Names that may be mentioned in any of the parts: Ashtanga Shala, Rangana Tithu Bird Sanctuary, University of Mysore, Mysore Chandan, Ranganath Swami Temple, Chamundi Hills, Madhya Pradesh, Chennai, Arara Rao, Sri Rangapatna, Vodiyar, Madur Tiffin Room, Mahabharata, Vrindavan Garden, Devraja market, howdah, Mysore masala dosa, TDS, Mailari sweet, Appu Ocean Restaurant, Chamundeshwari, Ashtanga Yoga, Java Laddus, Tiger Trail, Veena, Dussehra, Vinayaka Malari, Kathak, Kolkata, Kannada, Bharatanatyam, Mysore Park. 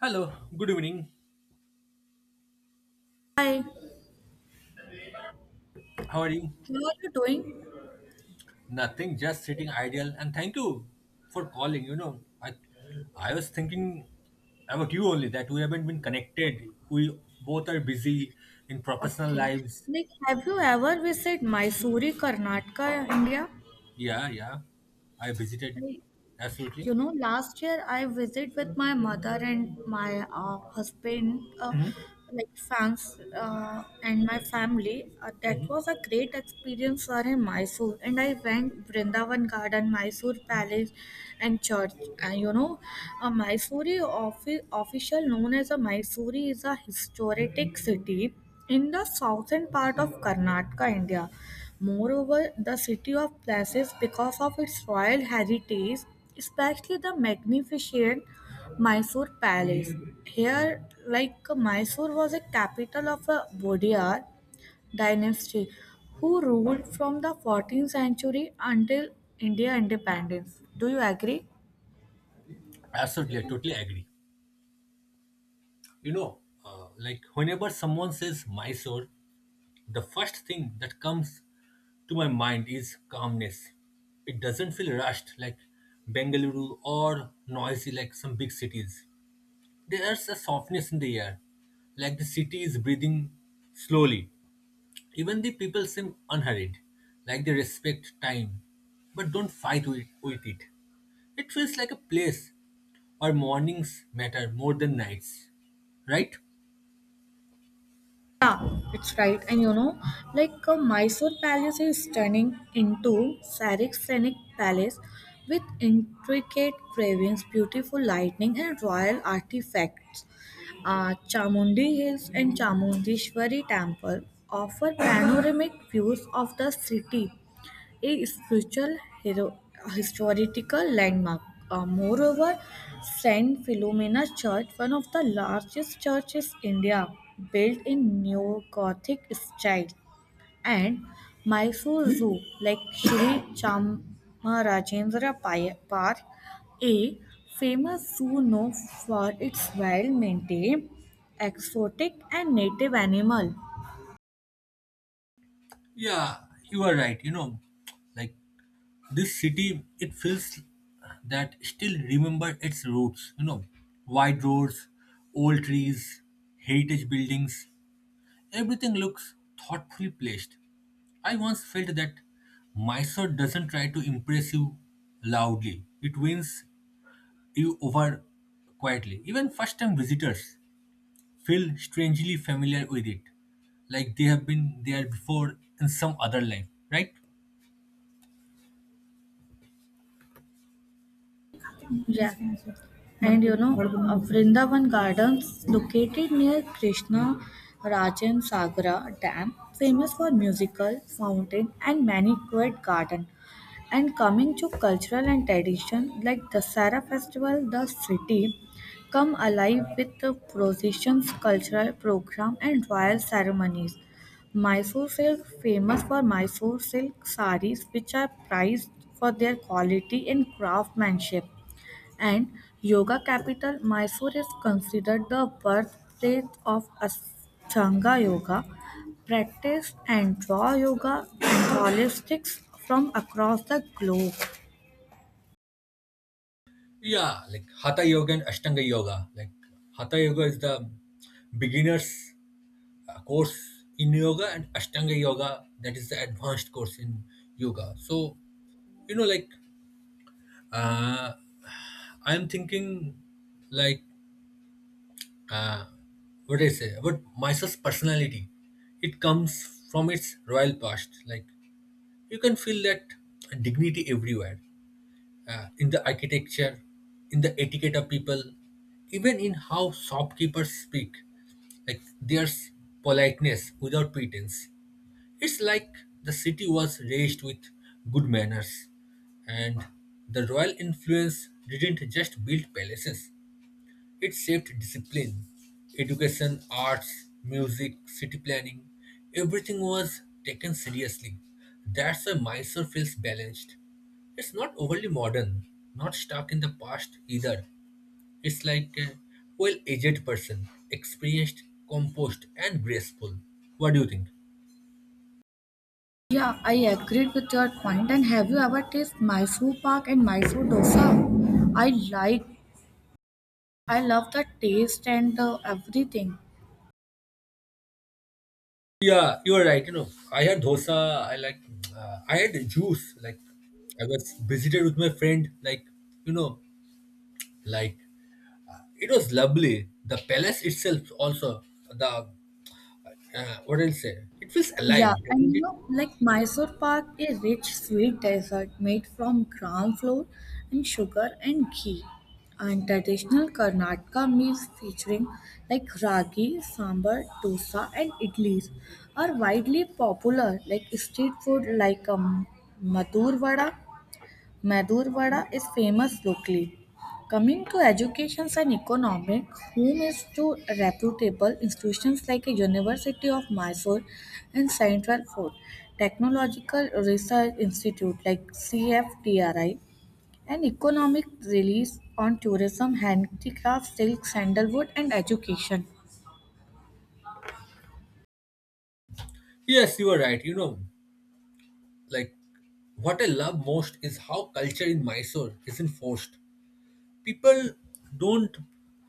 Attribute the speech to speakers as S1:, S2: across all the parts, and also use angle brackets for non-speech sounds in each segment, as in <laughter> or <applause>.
S1: Hello, good evening.
S2: Hi,
S1: How are you?
S2: how are you doing?
S1: Nothing, just sitting idle. And thank you for calling. I I was thinking about you only that we haven't been connected. We both are busy in professional
S2: Okay.
S1: lives.
S2: Like, have you ever visited Mysore, Karnataka, India?
S1: Yeah, yeah. I visited.
S2: Like,
S1: Absolutely.
S2: Last year I visited with my mother and my husband,
S1: Mhm,
S2: like fans, and my family. That
S1: mhm.
S2: was a great experience for in Mysore, and I went Vrindavan Garden, Mysore Palace, and church. And a Mysore official known as a Mysore is a historic city in the southern part of Karnataka, India. Moreover, the city of Places, because of its royal heritage, especially the magnificent Mysore Palace. Here, like Mysore was a capital of a Vodiyar dynasty who ruled from the 14th century until India independence. Do you agree?
S1: Absolutely, I totally agree. You know, like whenever someone says Mysore, the first thing that comes to my mind is calmness. It doesn't feel rushed like Bengaluru or noisy like some big cities. There's a softness in the air, like the city is breathing slowly. Even the people seem unhurried, like they respect time, but don't fight with it. It feels like a place where mornings matter more than nights, right?
S2: Yeah, it's right. And like Mysore Palace is turning into Sarik's Scenic Palace with intricate carvings, beautiful lighting, and royal artifacts. Chamundi Hills and Chamundishwari Temple offer panoramic views of the city, a spiritual hero- historical landmark. Moreover, Saint Philomena Church, one of the largest churches in India, built in neo-Gothic style, and Mysore Zoo, like Sri Chamarajendra Park, a famous zoo known for its well-maintained exotic and native animal.
S1: Yeah, you are right. Like this city, it feels that still remember its roots, wide roads, old trees, heritage buildings, everything looks thoughtfully placed. I once felt that Mysore doesn't try to impress you loudly. It wins you over quietly. Even first time visitors feel strangely familiar with it, like they have been there before in some other life, right?
S2: Yeah. And Vrindavan Gardens, located near Krishna Rajan Sagara Dam, famous for musical, fountain, and many quiet garden. And coming to cultural and tradition, like the Sara Festival, the city come alive with the processions, cultural program, and royal ceremonies. Mysore silk famous for Mysore silk sarees, which are prized for their quality and craftsmanship, and yoga capital, Mysore is considered the birthplace of Ashtanga yoga, practiced and draw yoga and holistics from across the globe.
S1: Yeah, like Hatha Yoga and Ashtanga Yoga. Like Hatha Yoga is the beginner's course in yoga, and Ashtanga Yoga, that is the advanced course in yoga. So, you know, like uh, I'm thinking, like uh, what I say about myself's personality. It comes from its royal past. Like you can feel that dignity everywhere. In the architecture, in the etiquette of people, even in how shopkeepers speak. Like there's politeness without pretense. It's like the city was raised with good manners, and the royal influence didn't just build palaces, it shaped discipline, education, arts, music, city planning. Everything was taken seriously. That's why Mysore feels balanced. It's not overly modern, not stuck in the past either. It's like a well aged person, experienced, composed, and graceful. What do you think?
S2: Yeah, I agreed with your point. And have you ever tasted Mysore Pak and Mysore dosa? I like, I love the taste and the everything.
S1: Yeah, you are right. You know, I had dosa. I like, I had juice. Like, I was visited with my friend. Like, you know, like it was lovely. The palace itself also, the what I'll say. It feels alive,
S2: Yeah, and
S1: doesn't it?
S2: like Mysore Pak, a rich sweet dessert made from gram flour and sugar and ghee. And traditional Karnataka meals featuring like ragi, sambar, dosa, and idlis are widely popular, like street food like Madur vada Madhur Vada is famous locally. Coming to education and economics, home is to reputable institutions like a University of Mysore and Central Fort, Technological Research Institute like CFTRI, and economic release on tourism, handicrafts, silk, sandalwood, and education.
S1: Yes, you are right. You know, like what I love most is how culture in Mysore isn't forced. People don't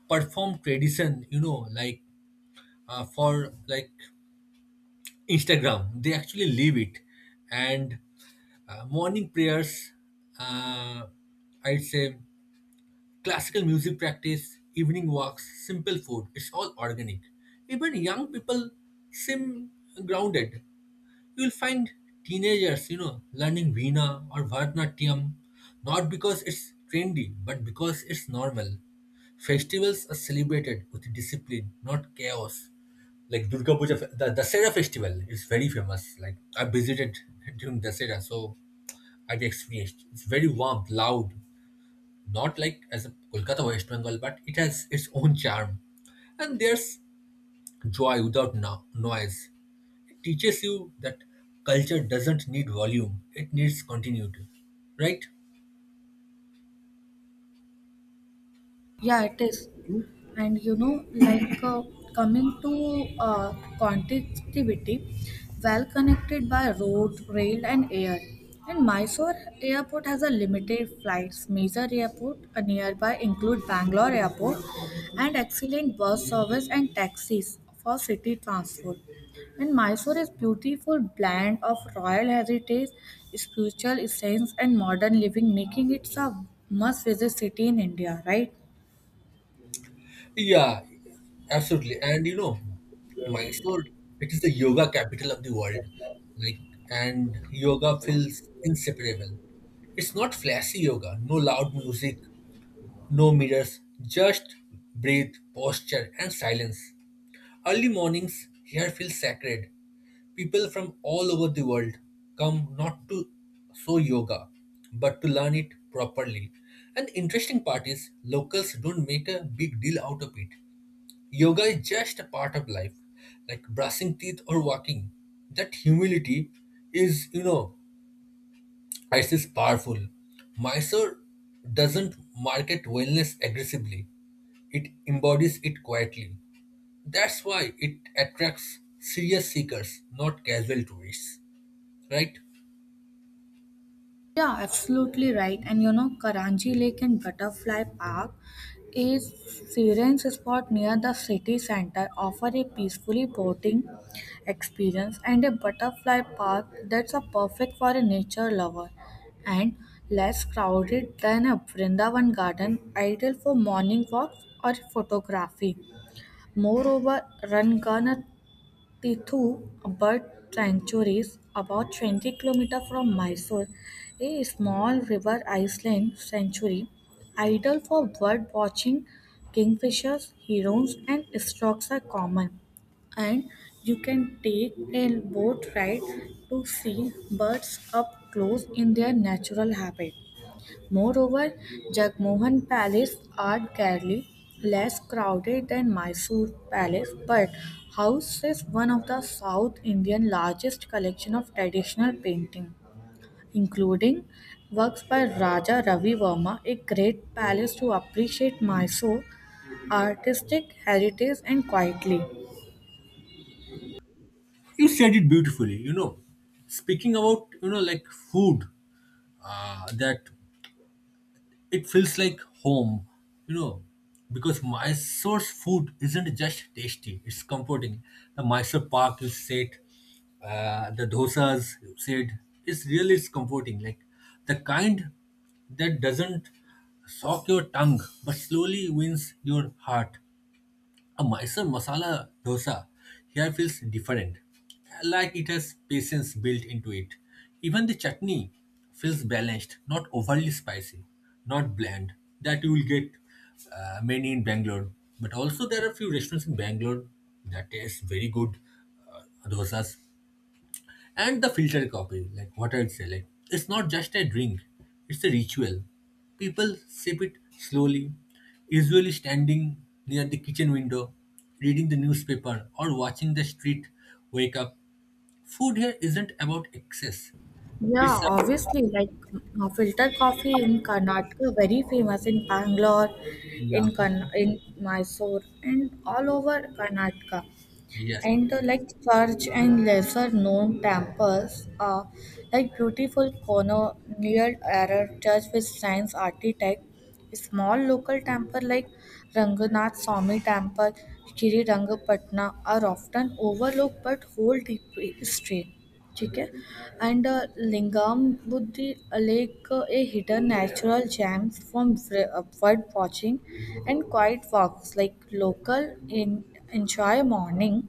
S1: perform tradition, for like Instagram. They actually live it, and morning prayers. Uh, I'd say classical music practice, evening walks, simple food, it's all organic. Even young people seem grounded. You'll find teenagers, learning Veena or Bharatanatyam, not because it's trendy, but because it's normal. Festivals are celebrated with discipline, not chaos. Like Durga Puja, the Dasera festival is very famous. Like I visited during Dasera, so I've experienced. It's very warm, loud, not like as a Kolkata West Bengal, but it has its own charm. And there's joy without noise. It teaches you that culture doesn't need volume, it needs continuity. Right?
S2: Yeah, it is. And like coming to connectivity, well connected by road, rail and air. And Mysore airport has a limited flights, major airport nearby include Bangalore airport and excellent bus service and taxis for city transport. And Mysore is beautiful blend of royal heritage, spiritual essence and modern living, making it a must visit city in India, right?
S1: Yeah, absolutely. And you know, Mysore, it is the yoga capital of the world. Like, and yoga feels inseparable. It's not flashy yoga, no loud music, no mirrors, just breathe, posture, and silence. Early mornings here feel sacred. People from all over the world come not to show yoga, but to learn it properly. And the interesting part is, locals don't make a big deal out of it. Yoga is just a part of life, like brushing teeth or walking. That humility is, it is powerful. Mysore doesn't market wellness aggressively. It embodies it quietly. That's why it attracts serious seekers, not casual tourists. Right?
S2: Yeah, absolutely right. And Karanji Lake and Butterfly Park is serene spot near the city center, offer a peacefully boating experience and a butterfly park that's a perfect for a nature lover and less crowded than a Vrindavan garden, ideal for morning walks or photography. Moreover, Rangana Tithu Bird Sanctuary is about 20 kilometers from Mysore, a small river island sanctuary ideal for bird watching. Kingfishers, herons, and storks are common, and you can take a boat ride to see birds up close in their natural habitat. Moreover, Jagmohan Palace, are arguably less crowded than Mysore Palace, but houses one of the South Indian largest collection of traditional painting, including works by Raja Ravi Verma, a great palace to appreciate Mysore artistic heritage and quietly.
S1: You said it beautifully, you know. Speaking about, like food that it feels like home, you know, because Mysore's food isn't just tasty, it's comforting. The Mysore Park, you said, the dosas, you said, it's really it's comforting. Like the kind that doesn't shock your tongue but slowly wins your heart. A Mysore masala dosa here feels different, like it has patience built into it. Even the chutney feels balanced, not overly spicy, not bland, that you will get many in Bangalore. But also, there are few restaurants in Bangalore that taste very good dosas. And the filtered coffee, like what I'd say, like it's not just a drink, it's a ritual. People sip it slowly, usually standing near the kitchen window, reading the newspaper or watching the street wake up. Food here isn't about excess.
S2: Yeah,
S1: It's about
S2: obviously, like filter coffee in Karnataka, very famous in Bangalore,
S1: yeah,
S2: in Mysore, and all over Karnataka.
S1: yes.
S2: And like
S1: Yes.
S2: church and lesser known temples are like beautiful colonial era church with science architect, small local temple like Ranganath Swami Temple, Shri Rangapatna are often overlooked but hold deep history. ठीक है and Lingam Buddhi lake a hidden natural gems from bird watching and quiet walks like local in enjoy morning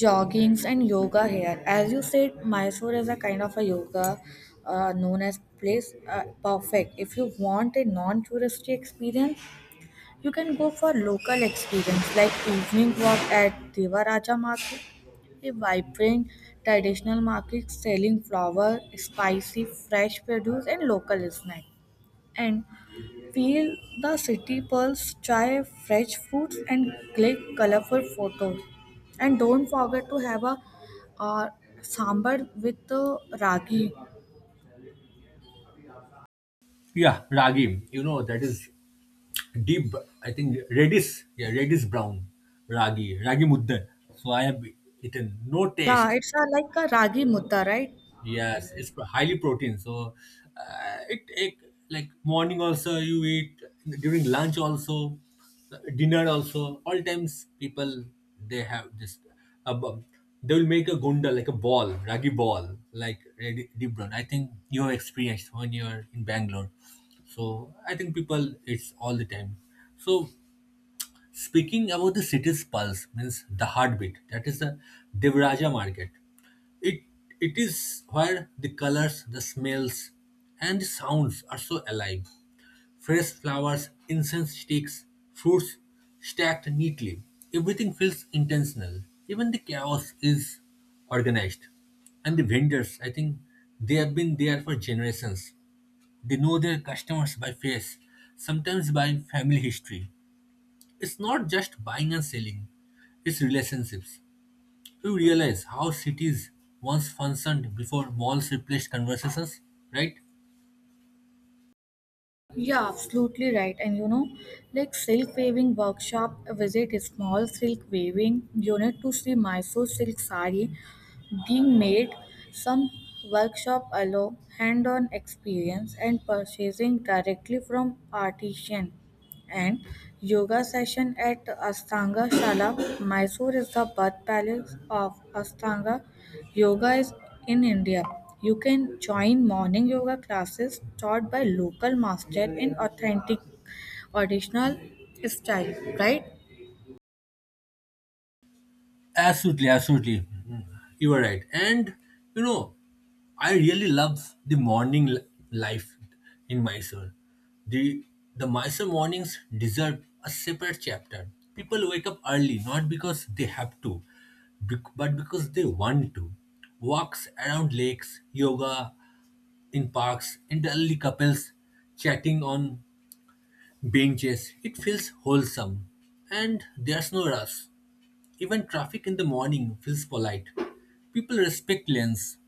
S2: joggings and yoga here. As you said, Mysore is a kind of a yoga known as place perfect. If you want a non-touristy experience, you can go for local experience like evening walk at Devaraja Market, a vibrant traditional market selling flower, spicy fresh produce and local snack. And feel the city pulse, try fresh fruits, and click colorful photos. And don't forget to have a uh, sambar with ragi.
S1: Yeah, ragi. You know that is deep. I think reddish. Yeah, reddish brown ragi, ragi mudda. So I have eaten no
S2: Yeah,
S1: taste.
S2: it's a, like a ragi mutta, right?
S1: Yes, it's highly protein. So it like morning also you eat during lunch also dinner also all times people they have this uh, bu- they will make a gunda like a ball ragi ball like ready- deep brown. I think you have experienced when you are in Bangalore. So I think people it's all the time. So speaking about the city's pulse means the heartbeat, that is the Devraja market. It it is where the colors, the smells, and the sounds are so alive. Fresh flowers, incense sticks, fruits stacked neatly. Everything feels intentional. Even the chaos is organized. And the vendors, I think they have been there for generations. They know their customers by face, sometimes by family history. It's not just buying and selling, it's relationships. You realize how cities once functioned before malls replaced conversations, right?
S2: Yeah, absolutely right. And like silk weaving workshop, visit a small silk weaving unit to see Mysore silk sari being made. Some workshop allow hand-on experience and purchasing directly from artisan. And yoga session at Ashtanga Shala. Mysore is the birth palace of Ashtanga Yoga is in India. You can join morning yoga classes taught by local master in authentic traditional style, right?
S1: Absolutely, absolutely. Mm, you are right. And you know, I really love the morning life in Mysore. The the Mysore mornings deserve a separate chapter. People wake up early not because they have to, but because they want to. Walks around lakes, yoga, in parks, and elderly couples chatting on benches. It feels wholesome. And there's no rush. Even traffic in the morning feels polite. People respect lanes,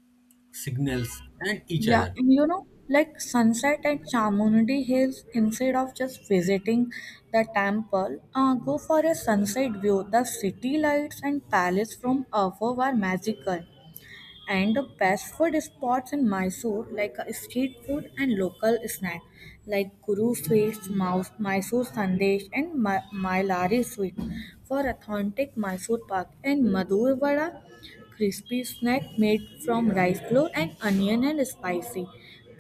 S1: signals, and each
S2: Yeah,
S1: other.
S2: and like sunset at Chamundi Hills, instead of just visiting the temple, go for a sunset view. The city lights and palace from above are magical. And the best food spots in Mysore, like street food and local snack, like Guru sweets, Mouse, Mysore sandesh, and Mailari sweet, for authentic Mysore pak, and Madur vada, crispy snack made from rice flour and onion and spicy.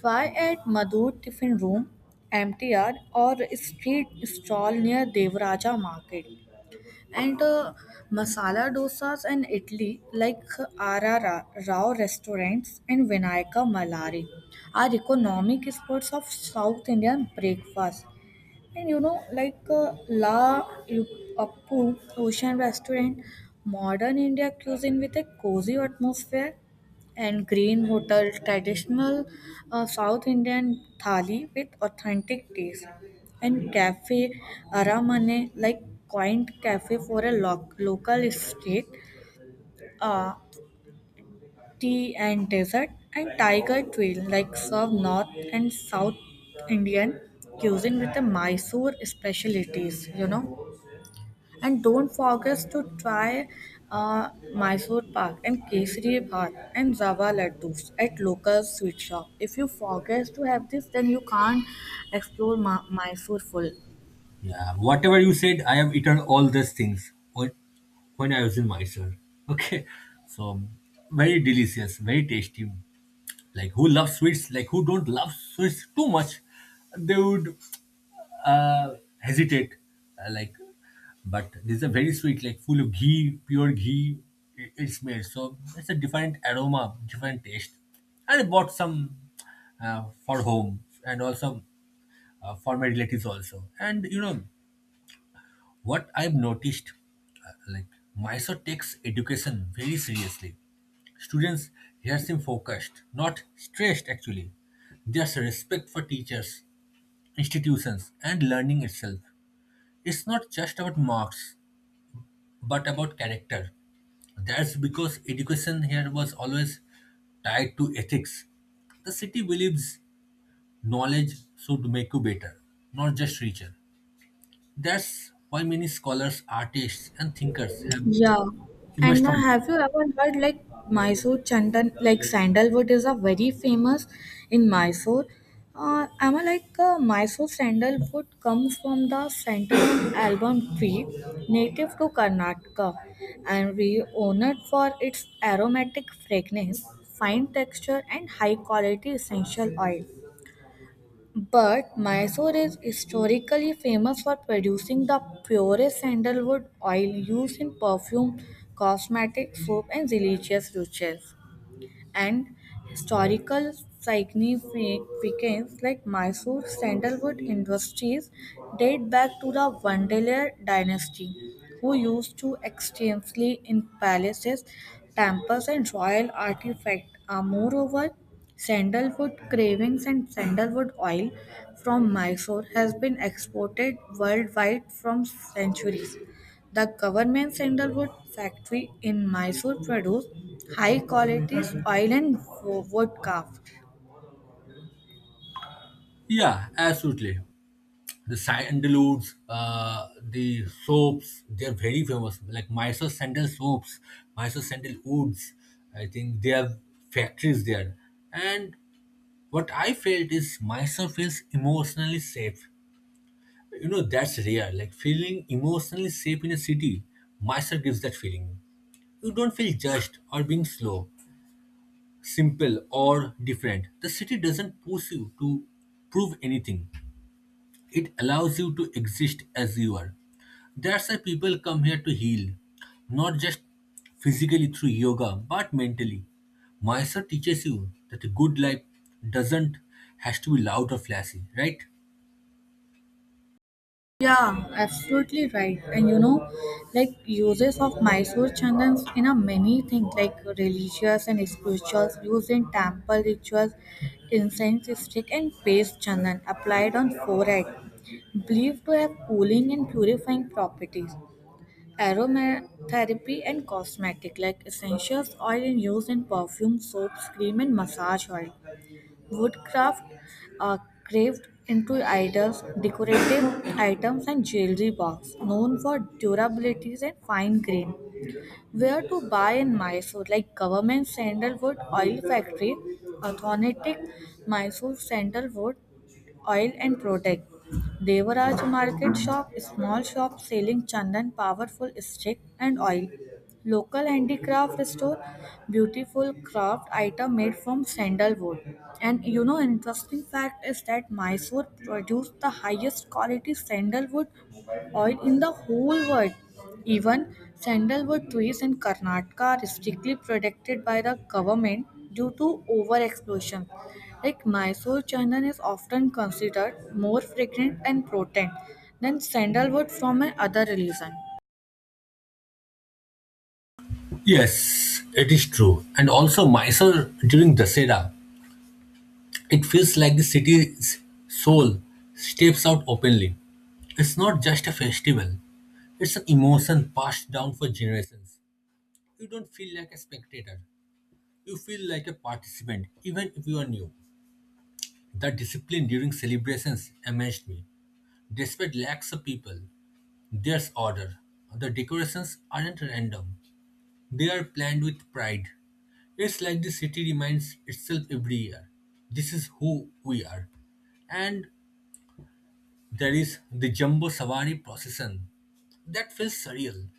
S2: Try at Madur Tiffin Room, MTR, or street stall near Devraja Market. And masala dosas and idli like Arara Rao restaurants and Vinayaka Malari are economic spots of South Indian breakfast. And like Appu Ocean Restaurant, modern India cuisine with a cozy atmosphere, and Green Hotel, traditional South Indian thali with authentic taste, and Cafe Aramane, like quaint cafe for a local street. Uh, Tea and dessert, and tiger trail like serve North and South Indian cuisine with the Mysore specialties. And don't forget to try Mysore Pak and Kesari Bhat and Java Laddus at local sweet shop. If you forget to have this, then you can't explore Mysore full.
S1: Yeah, whatever you said, I have eaten all these things when I was in Mysore. <laughs> Okay, so very delicious, very tasty. Like who loves sweets? Like who don't love sweets too much? They would uh, hesitate, uh, like, but this is a very sweet, like full of ghee, pure ghee. It's made so it's a different aroma, different taste. And I bought some for home and also for my relatives also. And you know what I've noticed, like Mysore takes education very seriously. Students here seem focused, not stressed actually. There's respect for teachers, institutions, and learning itself. It's not just about marks, but about character. That's because education here was always tied to ethics. The city believes knowledge should make you better, not just richer. That's why many scholars, artists, and thinkers have
S2: Yeah.
S1: emerged
S2: And
S1: from it.
S2: have you ever heard like Mysore Chandan, like sandalwood is a very famous in Mysore. Am I like Mysore sandalwood comes from the sandalwood album tree, native to Karnataka, and renowned for its aromatic fragrance, fine texture, and high quality essential oil. But Mysore is historically famous for producing the purest sandalwood oil used in perfume, cosmetics, soap, and religious rituals, and historical significance like Mysore sandalwood industries date back to the Vandalia dynasty, who used to extensively in palaces, temples, and royal artifacts. Moreover, sandalwood cravings and sandalwood oil from Mysore has been exported worldwide from centuries. The government sandalwood factory in Mysore produce high quality oil and wood craft.
S1: Yeah, absolutely. The sandalwoods, the soaps, they're very famous. Like Mysore sandal soaps, Mysore sandal woods. I think they have factories there. And what I felt is myself feels emotionally safe. You know, that's rare. Like feeling emotionally safe in a city, myself gives that feeling. You don't feel judged or being slow, simple or different. The city doesn't push you to prove anything. It allows you to exist as you are. That's why people come here to heal, not just physically through yoga, but mentally. Mysore teaches you that a good life doesn't has to be loud or flashy, right?
S2: Yeah, absolutely right. And like uses of Mysore chandans in a many things like religious and spirituals, used in temple rituals, incense stick and paste chandan applied on forehead, believed to have cooling and purifying properties. Aromatherapy and cosmetic like essentials oil and use in perfume, soaps, cream and massage oil. Woodcraft uh, carved into idols, decorative <coughs> items and jewelry box known for durabilities and fine grain. Where to buy in Mysore like government sandalwood oil factory, authentic Mysore sandalwood oil and protect. Devaraj market shop, small shop selling chandan, powerful stick and oil. Local handicraft store, beautiful craft item made from sandalwood. And interesting fact is that Mysore produced the highest quality sandalwood oil in the whole world. Even sandalwood trees in Karnataka are strictly protected by the government due to over explosion. Like Mysore chandan is often considered more fragrant and potent than sandalwood from another religion.
S1: Yes, it is true. And also Mysore during Dussehra, it feels like the city's soul steps out openly. It's not just a festival, it's an emotion passed down for generations. You don't feel like a spectator, you feel like a participant, even if you are new. The discipline during celebrations amazed me. Despite lakhs of people, there's order. The decorations aren't random, they are planned with pride. It's like the city reminds itself every year. This is who we are. And there is the Jumbo Savari procession. That feels surreal.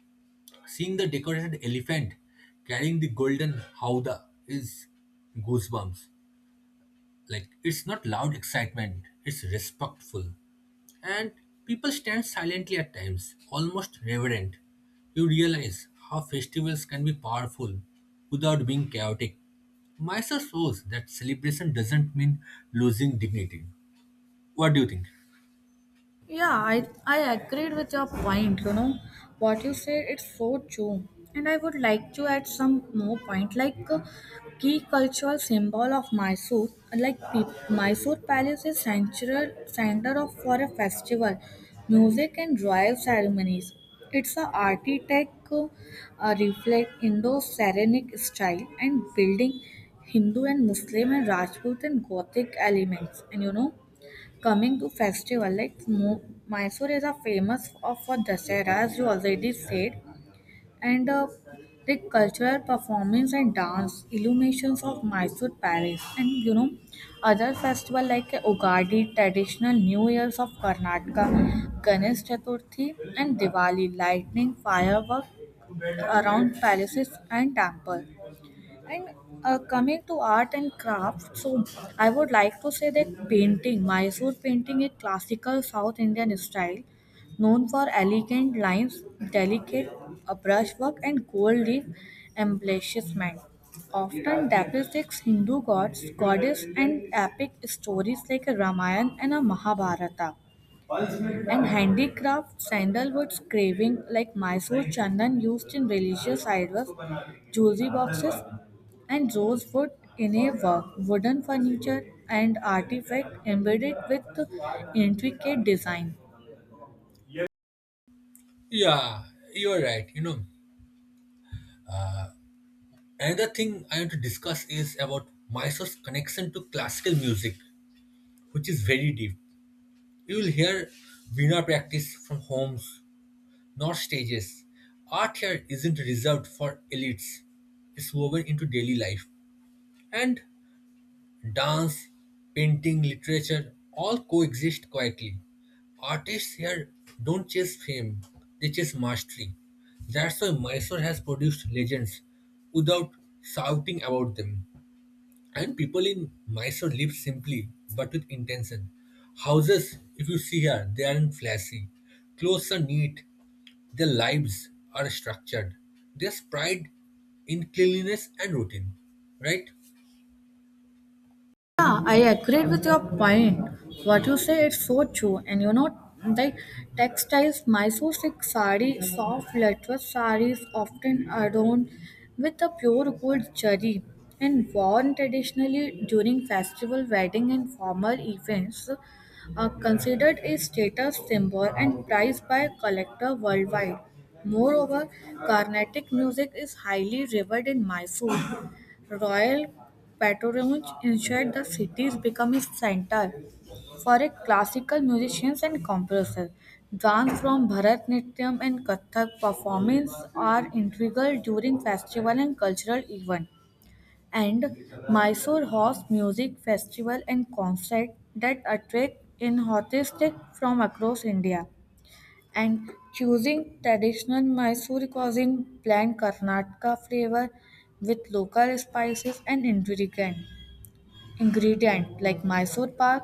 S1: Seeing the decorated elephant carrying the golden howdah is goosebumps. Like, it's not loud excitement, it's respectful. And people stand silently at times, almost reverent. You realize how festivals can be powerful without being chaotic. Mysore shows that celebration doesn't mean losing dignity. What do you think?
S2: Yeah, I agreed with your point. What you said, it's so true. And I would like to add some more point, like key cultural symbol of Mysore, like Mysore Palace is central center of for a festival, music and royal ceremonies. It's a architect reflect Indo-Saracenic style and building Hindu and Muslim and Rajput and Gothic elements. And coming to festival, like Mysore is a famous for Dasara, as you already said, and the cultural performance and dance, illuminations of Mysore Palace, and other festival like Ugadi, traditional New Years of Karnataka, Ganesh Chaturthi, and Diwali, lightning, firework around palaces and temple. And coming to art and craft, so I would like to say that painting, Mysore painting, is classical South Indian style, known for elegant lines, delicate brushwork, and gold leaf embellishment. Often depicts Hindu gods, goddess, and epic stories like a Ramayana and a Mahabharata, and handicraft sandalwood carving like Mysore chandan used in religious idols, jewelry boxes, and rosewood innerwork, wooden furniture, and artifact embedded with intricate design.
S1: Yeah, you're right. You know, another thing I want to discuss is about Mysore's connection to classical music, which is very deep. You will hear Veena practice from homes, not stages. Art here isn't reserved for elites, it's woven into daily life. And dance, painting, literature all coexist quietly. Artists here don't chase fame, they chase mastery. That's why Mysore has produced legends without shouting about them. And people in Mysore live simply but with intention. Houses, if you see here, they aren't flashy. Clothes are neat. Their lives are structured. There's pride in cleanliness and routine, right?
S2: Yeah, I agree with your point. What you say is so true. And the textiles, Mysore silk sari, soft lettuce saris often adorned with the pure gold jari and worn traditionally during festival, wedding, and formal events, are considered a status symbol and prized by collector worldwide. Moreover, Carnatic music is highly revered in Mysore. Royal patronage ensured the cities became a center for a classical musicians and composers. Dance from Bharatnatyam and Kathak performance are integral during festival and cultural event. And Mysore hosts music festival and concert that attract enthusiasts from across India and choosing traditional Mysore cuisine blend Karnataka flavor with local spices and ingredient like Mysore pak,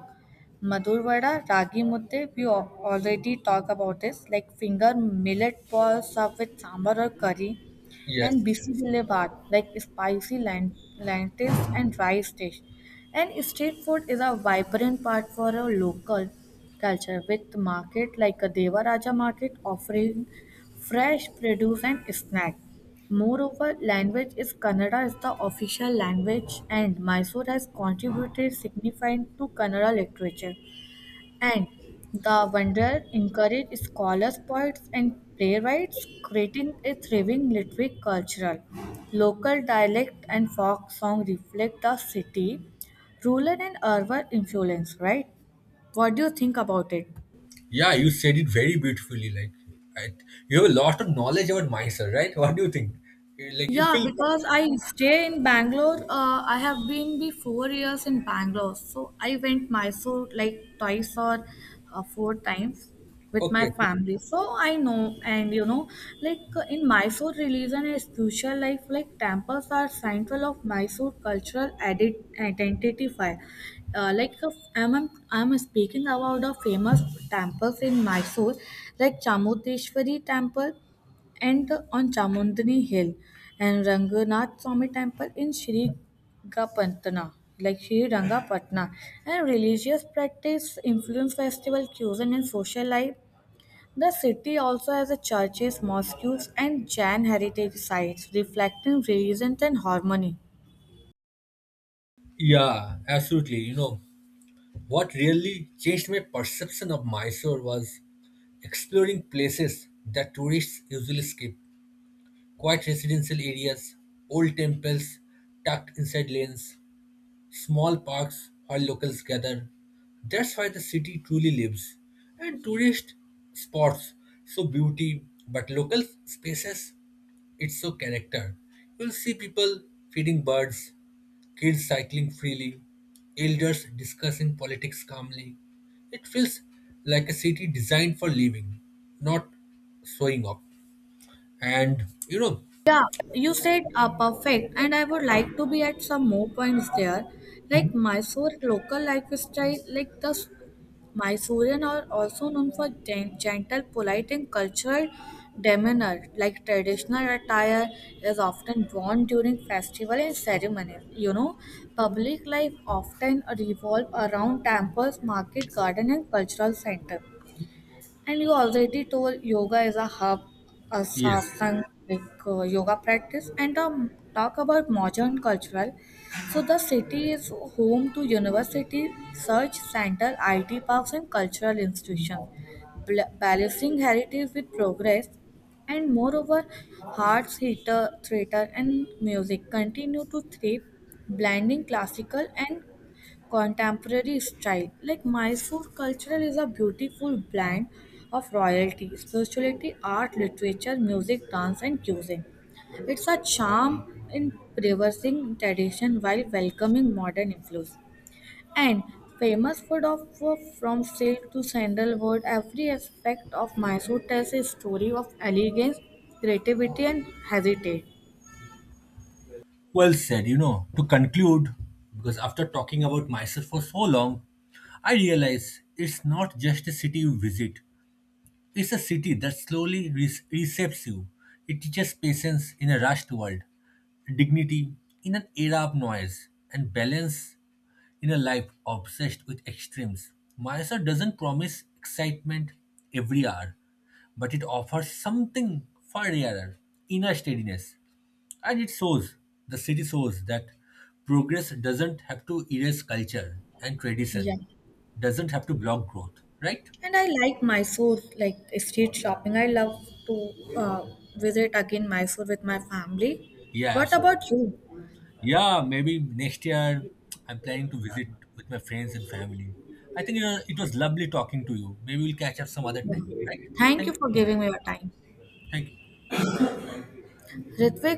S2: Madur vada, ragi mudde. We already talk about this like finger millet balls served with sambar or curry, and
S1: Yes.
S2: busy boulevard like spicy lentils and rice dish. And street food is a vibrant part for a local culture with market like a Devaraja market offering fresh produce and snack. Moreover, language is Kannada is the official language and Mysore has contributed significantly to Kannada literature. And the wonder encouraged scholars, poets, and playwrights, creating a thriving literary culture. Local dialect and folk song reflect the city, rural and urban influence, right? What do you think about it?
S1: Yeah, you said it very beautifully. I, you have a lot of knowledge about Mysore, right? What do you think? Like, you
S2: Yeah,
S1: feel
S2: because I stay in Bangalore. I have been be 4 years in Bangalore, so I went Mysore like twice or four times with my
S1: okay.
S2: family. So I know, and like in Mysore, religion is crucial. Life, like temples are central of Mysore cultural identifier. Like I'm speaking about the famous temples in Mysore, like Chamundeshwari temple and the, on Chamundani Hill and Ranganath Swami Temple in Sri Gapantana, like Sri Rangapatna, and religious practice influence festival cuisine and social life. The city also has a churches, mosques, and Jain heritage sites reflecting religion and harmony.
S1: Yeah, absolutely. You know, what really changed my perception of Mysore was exploring places that tourists usually skip, quiet residential areas, old temples tucked inside lanes, small parks where locals gather. That's why the city truly lives. And tourist spots show beauty, but local spaces, it show character. You'll see people feeding birds, kids cycling freely, elders discussing politics calmly. It feels like a city designed for living, not showing off. And you know,
S2: Yeah, you said perfect, and I would like to be at some more points there, like Mysore local lifestyle, like the Mysorean are also known for gentle, polite, and cultural demeanor. Like traditional attire is often worn during festival and ceremonies. Public life often revolve around temples, market, garden, and cultural center. And you already told yoga is a hub, a
S1: yes,
S2: satsang, like yoga practice, and talk about modern cultural. So the city is home to university, search center, IT parks, and cultural institutions, balancing heritage with progress. And moreover, arts, theater, and music continue to thrive, blending classical and contemporary style. Like Mysore cultural is a beautiful blend of royalty, spirituality, art, literature, music, dance, and cuisine. It's a charm in preserving tradition while welcoming modern influence. And famous food of from silk to sandalwood, every aspect of Mysore tells a story of elegance, creativity, and heritage.
S1: well said, you know, to conclude, because after talking about myself for so long, I realize it's not just a city you visit, it's a city that slowly reshapes you. It teaches patience in a rushed world, dignity in an era of noise, and balance in a life obsessed with extremes. Mysore doesn't promise excitement every hour, but it offers something far rarer, inner steadiness. And it shows, the series shows that progress doesn't have to erase culture and
S2: Yeah.
S1: tradition, doesn't have to block growth, right?
S2: And I like Mysore, like street shopping. I love to visit again Mysore with my family.
S1: Yeah,
S2: What
S1: absolutely.
S2: about you?
S1: Yeah, maybe next year I'm planning to visit with my friends and family. I think you know, it was lovely talking to you. Maybe we'll catch up some other time, right?
S2: Thank
S1: Thank
S2: you
S1: you
S2: for
S1: so much.
S2: giving me your time.
S1: Thank you.
S2: Ritvik,